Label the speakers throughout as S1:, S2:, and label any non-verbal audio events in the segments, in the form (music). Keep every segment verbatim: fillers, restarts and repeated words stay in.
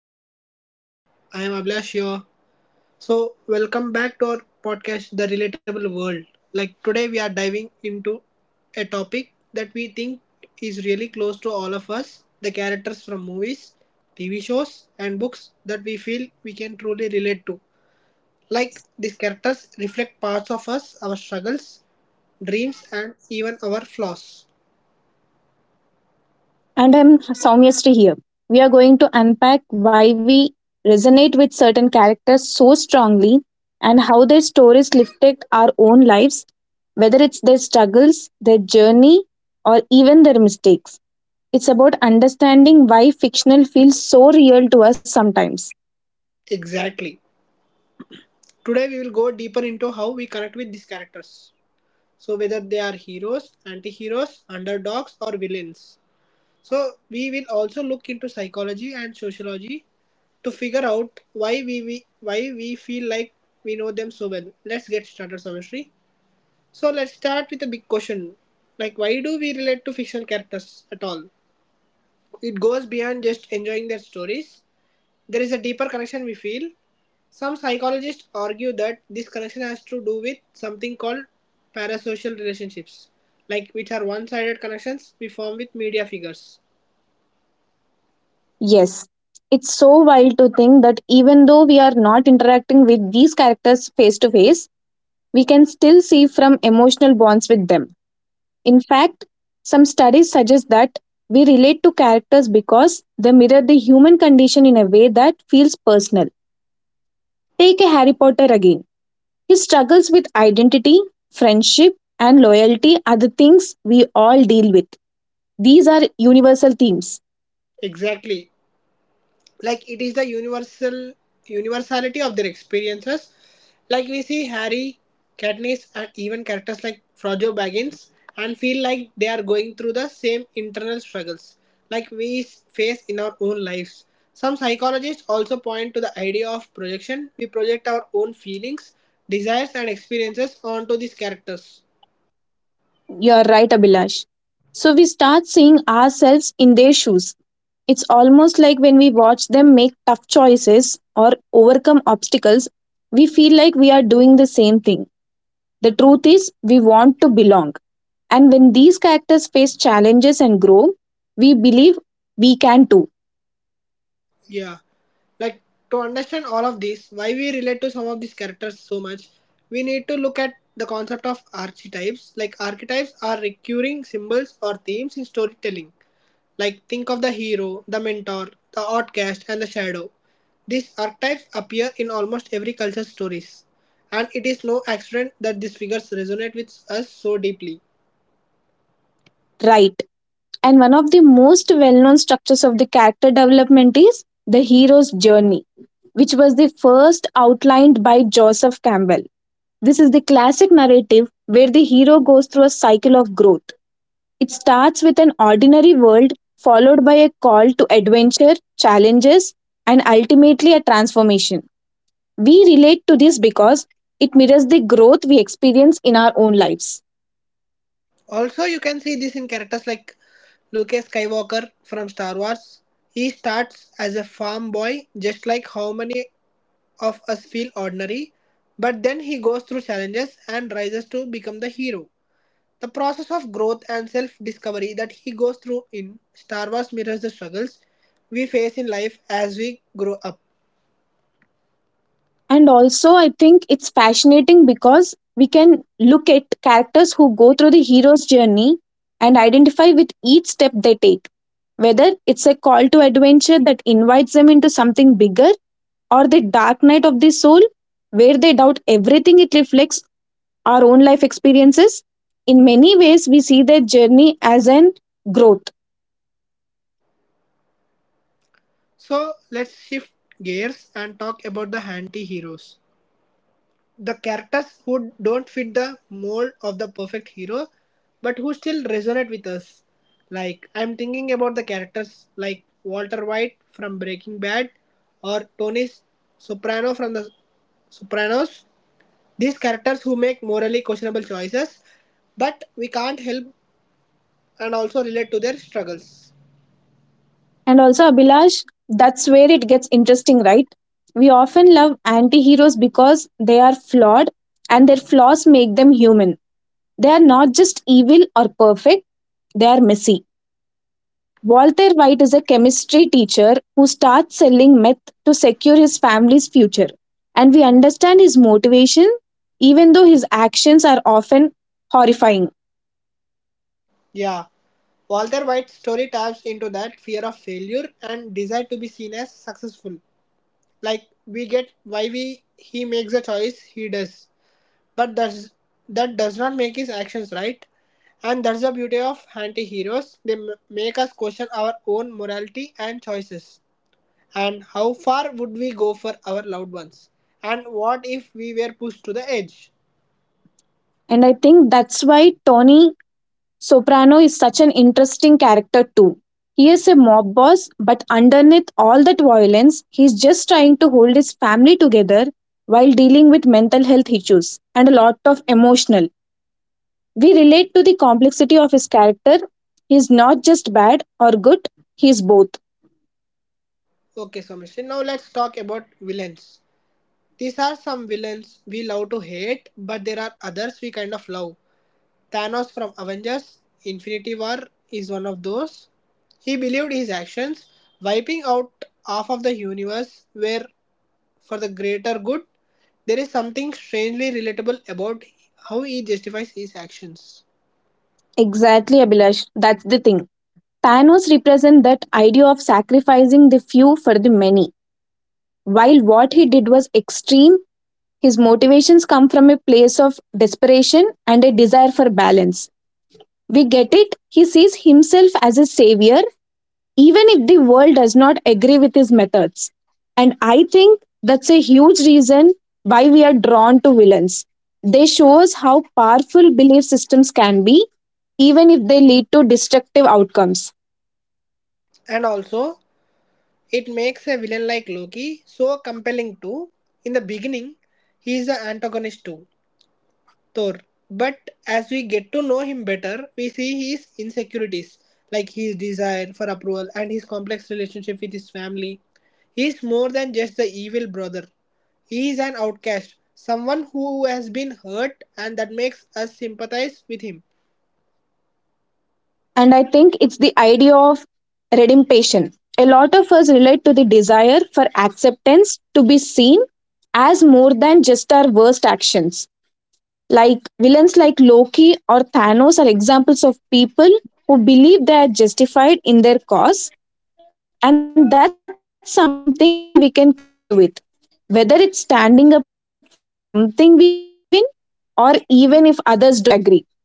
S1: podcast. I am Abhilash here. So, welcome back to our podcast The Relatable World. Like today we are diving into a topic that we think is really close to all of us, the characters from movies, T V shows and books that we feel we can truly relate to. Like these characters reflect parts of us, our struggles, dreams and even our flaws.
S2: And I'm Soumyasri here. We are going to unpack why we resonate with certain characters so strongly and how their stories reflect our own lives, whether it's their struggles, their journey, or even their mistakes. It's about understanding why fictional feels so real to us sometimes.
S1: Exactly. Today we will go deeper into how we connect with these characters. So whether they are heroes, anti-heroes, underdogs or villains. So we will also look into psychology and sociology to figure out why we, we why we feel like we know them so well. Let's get started, Samishri. So let's start with a big question. Like why do we relate to fictional characters at all? It goes beyond just enjoying their stories. There is a deeper connection we feel. Some psychologists argue that this connection has to do with something called parasocial relationships, like which are one sided connections we form with media figures.
S2: Yes, it's so wild to think that even though we are not interacting with these characters face to face, we can still see from emotional bonds with them. In fact, some studies suggest that we relate to characters because they mirror the human condition in a way that feels personal. Take a Harry Potter again. His struggles with identity, friendship, and loyalty are the things we all deal with. These are universal themes.
S1: Exactly. Like it is the universal universality of their experiences. Like we see Harry, Katniss and even characters like Frodo Baggins and feel like they are going through the same internal struggles like we s- face in our own lives. Some psychologists also point to the idea of projection. We project our own feelings, desires and experiences onto these characters.
S2: You are right, Abhilash. So we start seeing ourselves in their shoes. It's almost like when we watch them make tough choices or overcome obstacles, we feel like we are doing the same thing. The truth is, we want to belong. And when these characters face challenges and grow, we believe we can too,
S1: Yeah, like to understand all of this, why we relate to some of these characters so much, we need to look at the concept of archetypes. Like archetypes are recurring symbols or themes in storytelling. Like think of the hero, the mentor, the outcast, and the shadow. These archetypes appear in almost every culture's stories, and it is no accident that these figures resonate with us so deeply.
S2: right? And one of the most well known structures of the character development is the hero's journey, which was the first outlined by Joseph Campbell. This is the classic narrative where the hero goes through a cycle of growth. It starts with an ordinary world, followed by a call to adventure, challenges, and ultimately a transformation. We relate to this because it mirrors the growth we experience in our own lives.
S1: Also, you can see this in characters like Luke Skywalker from Star Wars. He starts as a farm boy, just like how many of us feel ordinary, but then he goes through challenges and rises to become the hero. The process of growth and self discovery that he goes through in Star Wars mirrors the struggles we face in life as we grow up.
S2: And also, I think it's fascinating because we can look at characters who go through the hero's journey and identify with each step they take, whether it's a call to adventure that invites them into something bigger, or the dark night of the soul where they doubt everything. It reflects our own life experiences. In many ways we see their journey as an growth.
S1: So, let's shift gears and talk about the anti heroes, the characters who don't fit the mold of the perfect hero but who still resonate with us. Like I'm thinking about the characters like Walter White from Breaking Bad or Tony Soprano from The Sopranos. These characters who make morally questionable choices, but we can't help and also relate to their struggles.
S2: And also, Abhilash, that's where it gets interesting, right? We often love anti heroes because they are flawed and their flaws make them human. They are not just evil or perfect, they are messy. Walter White is a chemistry teacher who starts selling meth to secure his family's future. And we understand his motivation, even though his actions are often horrifying.
S1: Yeah, Walter White's story taps into that fear of failure and desire to be seen as successful. Like we get why we he makes a choice he does, but that's that does not make his actions right. And that's the beauty of anti-heroes. They m- make us question our own morality and choices, and how far would we go for our loved ones, and what if we were pushed to the edge.
S2: And I think that's why Tony Soprano is such an interesting character too. He is a mob boss, but underneath all that violence, he's just trying to hold his family together while dealing with mental health issues and a lot of emotional. We relate to the complexity of his character. He's not just bad or good, he's both.
S1: Okay, so mister, now let's talk about villains. These are some villains we love to hate, but there are others we kind of love. Thanos from Avengers Infinity War is one of those. He believed his actions, wiping out half of the universe, were for the greater good. There is something strangely relatable about how he justifies his actions.
S2: Exactly, Abhilash. That's the thing. Thanos represents that idea of sacrificing the few for the many. While what he did was extreme, his motivations come from a place of desperation and a desire for balance. We get it, he sees himself as a savior, even if the world does not agree with his methods. And I think that's a huge reason why we are drawn to villains. They show us how powerful belief systems can be, even if they lead to destructive outcomes.
S1: And also, it makes a villain like Loki so compelling too. In the beginning, he is the antagonist too. Thor. But as we get to know him better, we see his insecurities, like his desire for approval and his complex relationship with his family. He is more than just the evil brother. He is an outcast, someone who has been hurt, and that makes us sympathize with him.
S2: And I think it's the idea of redemption. A lot of us relate to the desire for acceptance, to be seen as more than just our worst actions. Like villains like Loki or Thanos are examples of people who believe they are justified in their cause, and that's something we can connect with. Whether it's standing up for something we believe in, or even if others don't agree.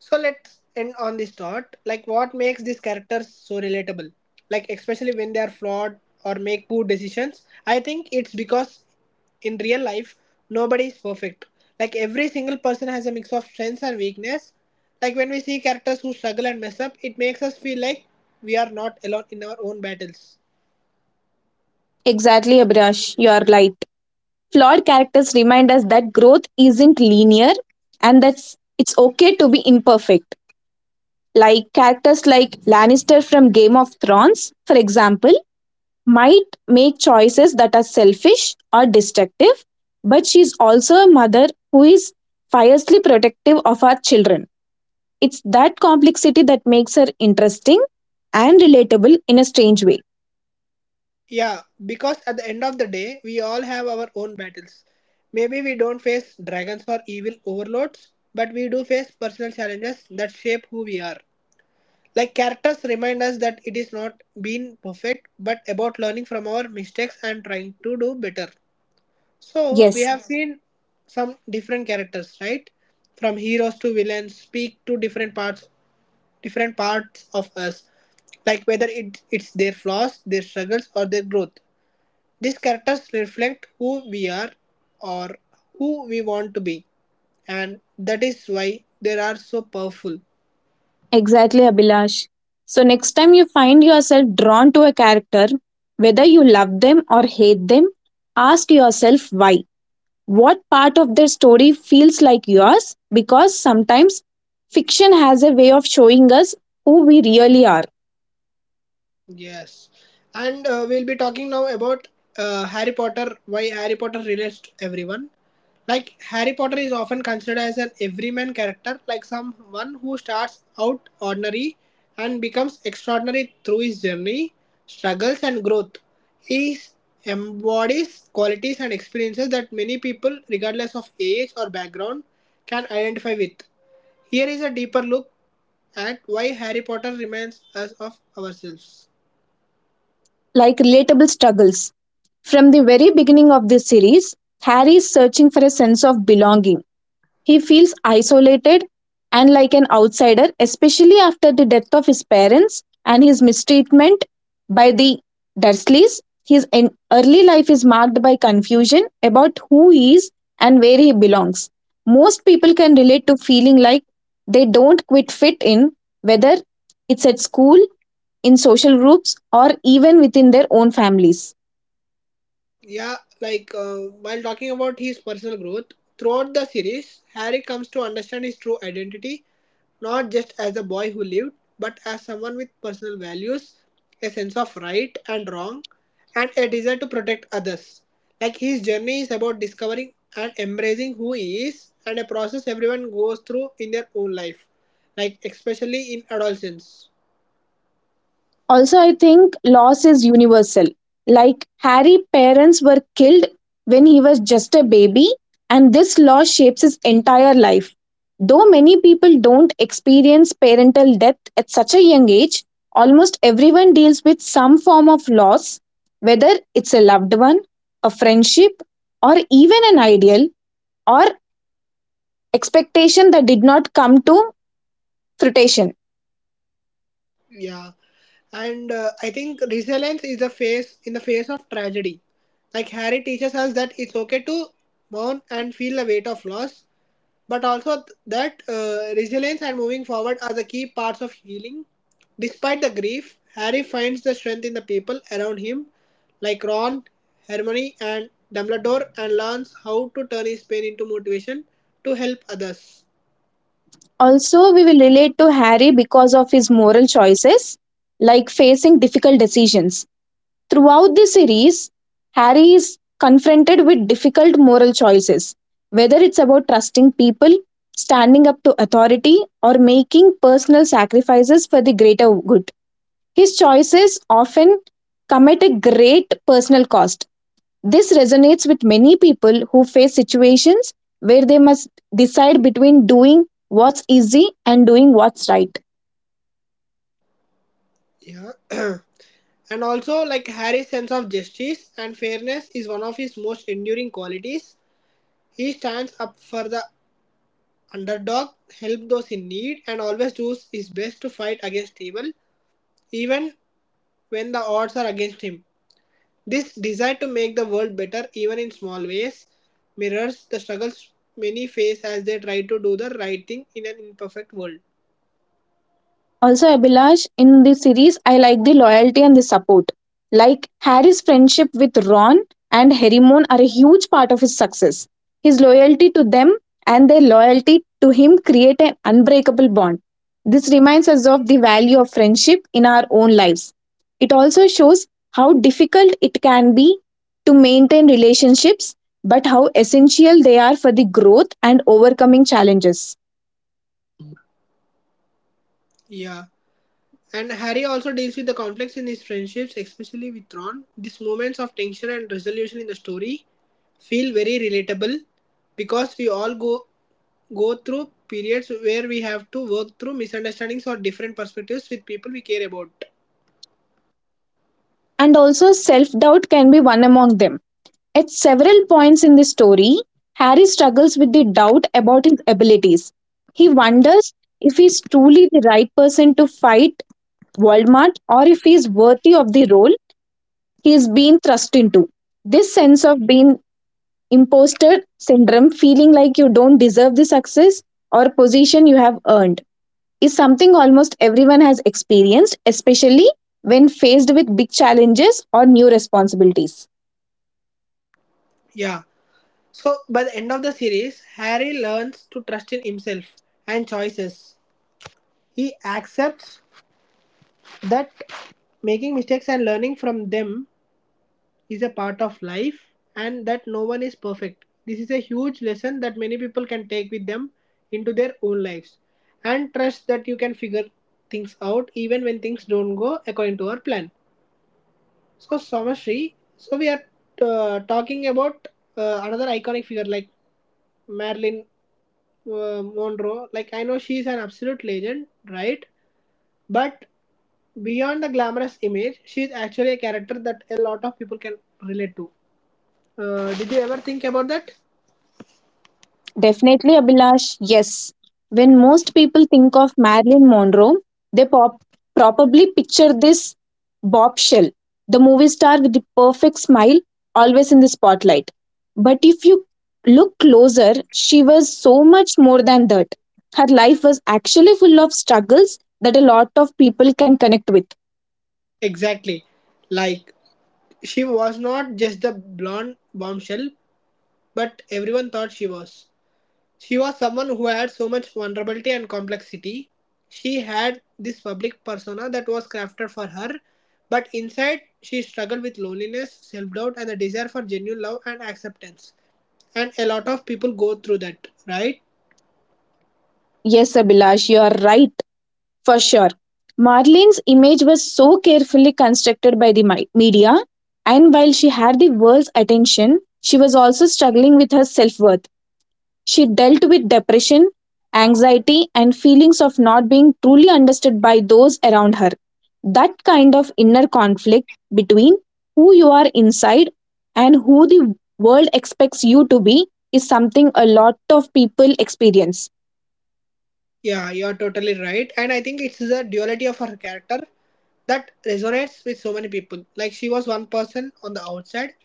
S1: So let's end on this thought. Like, what makes these characters so relatable? Like, especially when they are flawed or make poor decisions. I think it's because in real life, nobody is perfect. Like, every single person has a mix of strengths and weakness. Like, when we see characters who struggle and mess up, it makes us feel like we are not alone in our own battles.
S2: Exactly, Abrash, you are right. Flawed characters remind us that growth isn't linear and that it's okay to be imperfect. Like characters like Lannister from Game of Thrones, for example, might make choices that are selfish or destructive, but she's also a mother who is fiercely protective of her children. It's that complexity that makes her interesting and relatable in a strange way.
S1: Yeah, because at the end of the day, we all have our own battles. Maybe we don't face dragons or evil overlords, but we do face personal challenges that shape who we are. Like characters remind us that it is not being perfect, but about learning from our mistakes and trying to do better. So we
S2: Yes.
S1: have, yeah, seen some different characters, right? From heroes to villains, speak to different parts, different parts of us, like whether it, it's their flaws, their struggles, or their growth. These characters reflect who we are or who we want to be, and that is why they are so powerful.
S2: Exactly, Abhilash. So, next time you find yourself drawn to a character, whether you love them or hate them, ask yourself why. What part of their story feels like yours? Because sometimes fiction has a way of showing us who we really are,
S1: Yes, and uh, we'll be talking now about uh, Harry Potter. Why Harry Potter relates to everyone? Like Harry Potter is often considered as an everyman character, like someone who starts out ordinary and becomes extraordinary through his journey, struggles, and growth. He embodies qualities and experiences that many people, regardless of age or background, can identify with. Here is a deeper look at why Harry Potter reminds us of ourselves.
S2: like relatable struggles. From the very beginning of this series, Harry is searching for a sense of belonging. He feels isolated and like an outsider, especially after the death of his parents and his mistreatment by the Dursleys. His en- early life is marked by confusion about who he is and where he belongs. Most people can relate to feeling like they don't quite fit in, whether it's at school, in social groups, or even within their own families.
S1: Yeah, like uh, while talking about his personal growth, throughout the series, Harry comes to understand his true identity, not just as a boy who lived, but as someone with personal values, a sense of right and wrong, and a desire to protect others. Like his journey is about discovering and embracing who he is, and a process everyone goes through in their own life, like especially in adolescence.
S2: Also, I think loss is universal. Like Harry, parents were killed when he was just a baby, and this loss shapes his entire life. Though many people don't experience parental death at such a young age, almost everyone deals with some form of loss, whether it's a loved one, a friendship, or even an ideal or expectation that did not come to fruition.
S1: Yeah, and uh, I think resilience is a face in the face of tragedy. Like Harry teaches us that it's okay to mourn and feel the weight of loss, but also th- that uh, resilience and moving forward are the key parts of healing. Despite the grief, Harry finds the strength in the people around him, like Ron, Hermione, and Dumbledore, and learns how to turn his pain into motivation to help others.
S2: Also, we will relate to Harry because of his moral choices, like facing difficult decisions. Throughout the series, Harry is confronted with difficult moral choices, whether it's about trusting people, standing up to authority, or making personal sacrifices for the greater good. His choices often come at a great personal cost. This resonates with many people who face situations where they must decide between doing what's easy and doing what's right.
S1: Yeah. (clears throat) And also, like Harry's sense of justice and fairness is one of his most enduring qualities. He stands up for the underdog, helps those in need, and always does his best to fight against evil, even when the odds are against him. This desire to make the world better, even in small ways, mirrors the struggles many face as they try to do the right thing in an imperfect world.
S2: Also, Abhilash, in the series, I like the loyalty and the support. Like Harry's friendship with Ron and Hermione are a huge part of his success. His loyalty to them and their loyalty to him create an unbreakable bond. This reminds us of the value of friendship in our own lives. It also shows how difficult it can be to maintain relationships, but how essential they are for the growth and overcoming challenges.
S1: Yeah. And Harry also deals with the conflicts in his friendships, especially with Ron. These moments of tension and resolution in the story feel very relatable because we all go go through periods where we have to work through misunderstandings or different perspectives with people we care about.
S2: And also, self doubt can be one among them. At several points in the story, Harry struggles with the doubt about his abilities. He wonders if he's truly the right person to fight Voldemort or if he's worthy of the role he is being thrust into. This sense of being imposter syndrome, feeling like you don't deserve the success or position you have earned, is something almost everyone has experienced, especially when faced with big challenges or new responsibilities.
S1: Yeah. So by the end of the series, Harry learns to trust in himself and choices. He accepts that making mistakes and learning from them is a part of life and that no one is perfect. This is a huge lesson that many people can take with them into their own lives and trust that you can figure things out even when things don't go according to our plan. So, Samashri, so we are uh, talking about uh, another iconic figure like Marilyn uh, Monroe. Like, I know she is an absolute legend, right? But beyond the glamorous image, she is actually a character that a lot of people can relate to. Uh, did you ever think about that?
S2: Definitely, Abhilash, yes. When most people think of Marilyn Monroe, they pop- probably picture this bombshell, the movie star with the perfect smile, always in the spotlight. But if you look closer, she was so much more than that. Her life was actually full of struggles that a lot of people can connect with.
S1: Exactly. Like, she was not just the blonde bombshell, but everyone thought she was. She was someone who had so much vulnerability and complexity. She had this public persona that was crafted for her, but inside she struggled with loneliness, self doubt, and the desire for genuine love and acceptance. And a lot of people go through that, right?
S2: Yes, Abhilash, you are right. For sure. Marlene's image was so carefully constructed by the mi- media, and while she had the world's attention, she was also struggling with her self worth. She dealt with depression, anxiety, and feelings of not being truly understood by those around her. That kind of inner conflict between who you are inside and who the world expects you to be is something a lot of people experience.
S1: Yeah, you're totally right. And I think it's the duality of her character that resonates with so many people. Like she was one person on the outside,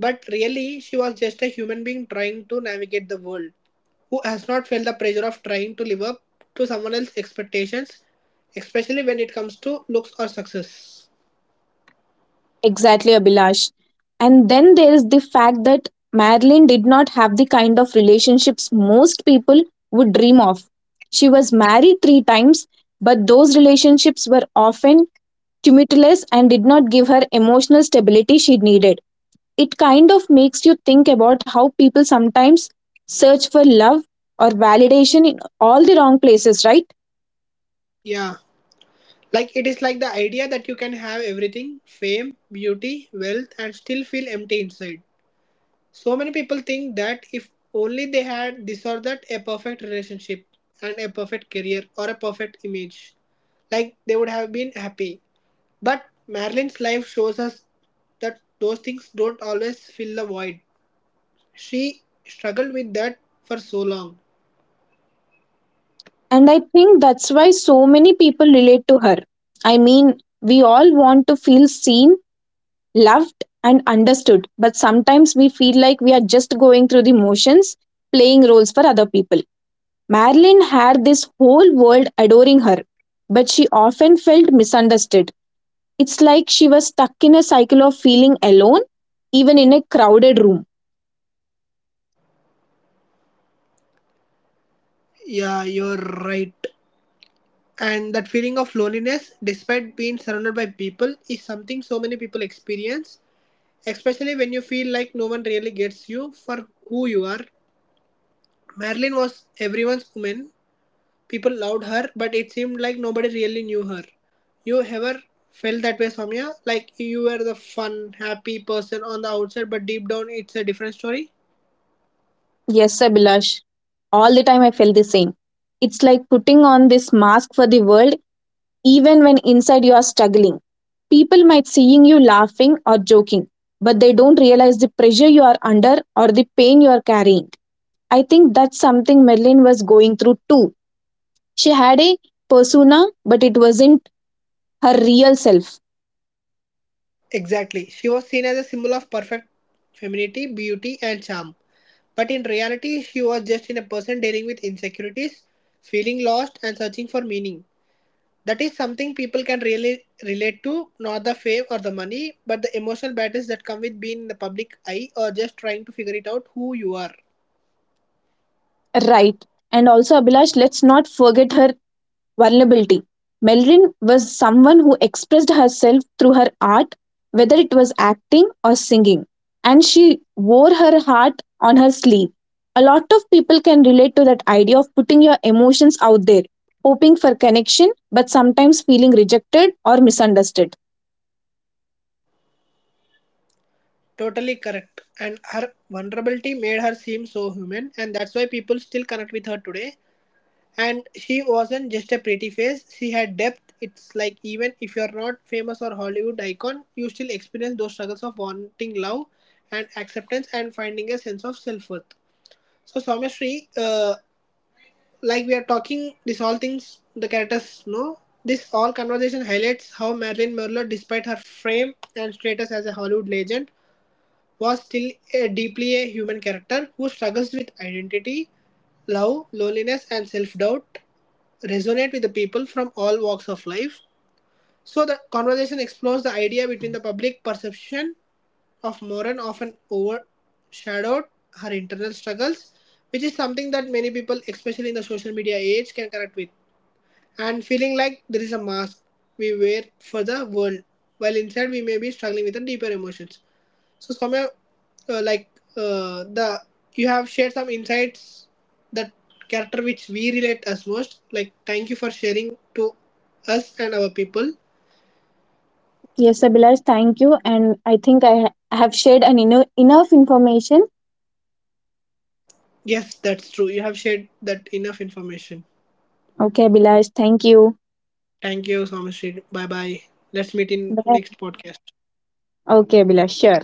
S1: but really she was just a human being trying to navigate the world who has not felt the pressure of trying to live up to someone else's expectations, especially when it comes to looks or success.
S2: Exactly, Abhilash. And then there is the fact that Marilyn did not have the kind of relationships most people would dream of. She was married three times, but those relationships were often tumultuous and did not give her emotional stability she needed. It kind of makes you think about how people sometimes search for love or validation in all the wrong places, right?
S1: Yeah. Like it is like the idea that you can have everything fame, beauty, wealth, and still feel empty inside. So many people think that if only they had this or that, a perfect relationship and a perfect career or a perfect image, like they would have been happy. But Marilyn's life shows us that those things don't always fill the void. She struggled with that for so long.
S2: And I think that's why so many people relate to her. I mean, we all want to feel seen, loved, and understood, but sometimes we feel like we are just going through the motions, playing roles for other people. Marilyn had this whole world adoring her, but she often felt misunderstood. It's like she was stuck in a cycle of feeling alone, even in a crowded room.
S1: Yeah, you're right. And that feeling of loneliness, despite being surrounded by people, is something so many people experience, especially when you feel like no one really gets you for who you are. Marilyn was everyone's woman. People loved her, but it seemed like nobody really knew her. You ever felt that way, Soumya? Like you were the fun, happy person on the outside, but deep down it's a different story?
S2: Yes, Abhilash, all the time I felt the same. It's like putting on this mask for the world even when inside you are struggling. People might seeing you laughing or joking, but they don't realize the pressure you are under or the pain you are carrying. I think that's something Merlin was going through too. She had a persona, but it wasn't her real self.
S1: Exactly. She was seen as a symbol of perfect femininity, beauty, and charm. But in reality, she was just in a person dealing with insecurities, feeling lost, and searching for meaning. That is something people can really relate to, not the fame or the money, but the emotional battles that come with being in the public eye or just trying to figure it out who you are.
S2: Right. And also, Abhilash, let's not forget her vulnerability. Melrin was someone who expressed herself through her art, whether it was acting or singing, and she wore her heart on her sleeve. A lot of people can relate to that idea of putting your emotions out there, hoping for connection, but sometimes feeling rejected or misunderstood.
S1: Totally correct. And her vulnerability made her seem so human, and that's why people still connect with her today. And she wasn't just a pretty face, she had depth. It's like even if you're not famous or Hollywood icon, you still experience those struggles of wanting love and acceptance and finding a sense of self worth. So, Someshri, uh, like we are talking this all things the characters know, this all conversation highlights how Marilyn Monroe, despite her fame and status as a Hollywood legend, was still a deeply a human character who struggles with identity, love, loneliness and self-doubt, resonate with the people from all walks of life. So the conversation explores the idea between the public perception of Moran often overshadowed her internal struggles, which is something that many people especially in the social media age can connect with, and feeling like there is a mask we wear for the world, while inside we may be struggling with the deeper emotions. So, Soumya, uh, like uh, the you have shared some insights that character which we relate us most. Like, thank you for sharing to us and our people.
S2: Yes, Abhilash, thank you. And I think I ha- have shared an eno- enough information.
S1: Yes, that's true. You have shared that enough information.
S2: Okay, Abhilash, thank you.
S1: Thank you, Soumya. Bye bye. Let's meet in
S2: Bye.
S1: next podcast.
S2: Okay, Abhilash, sure.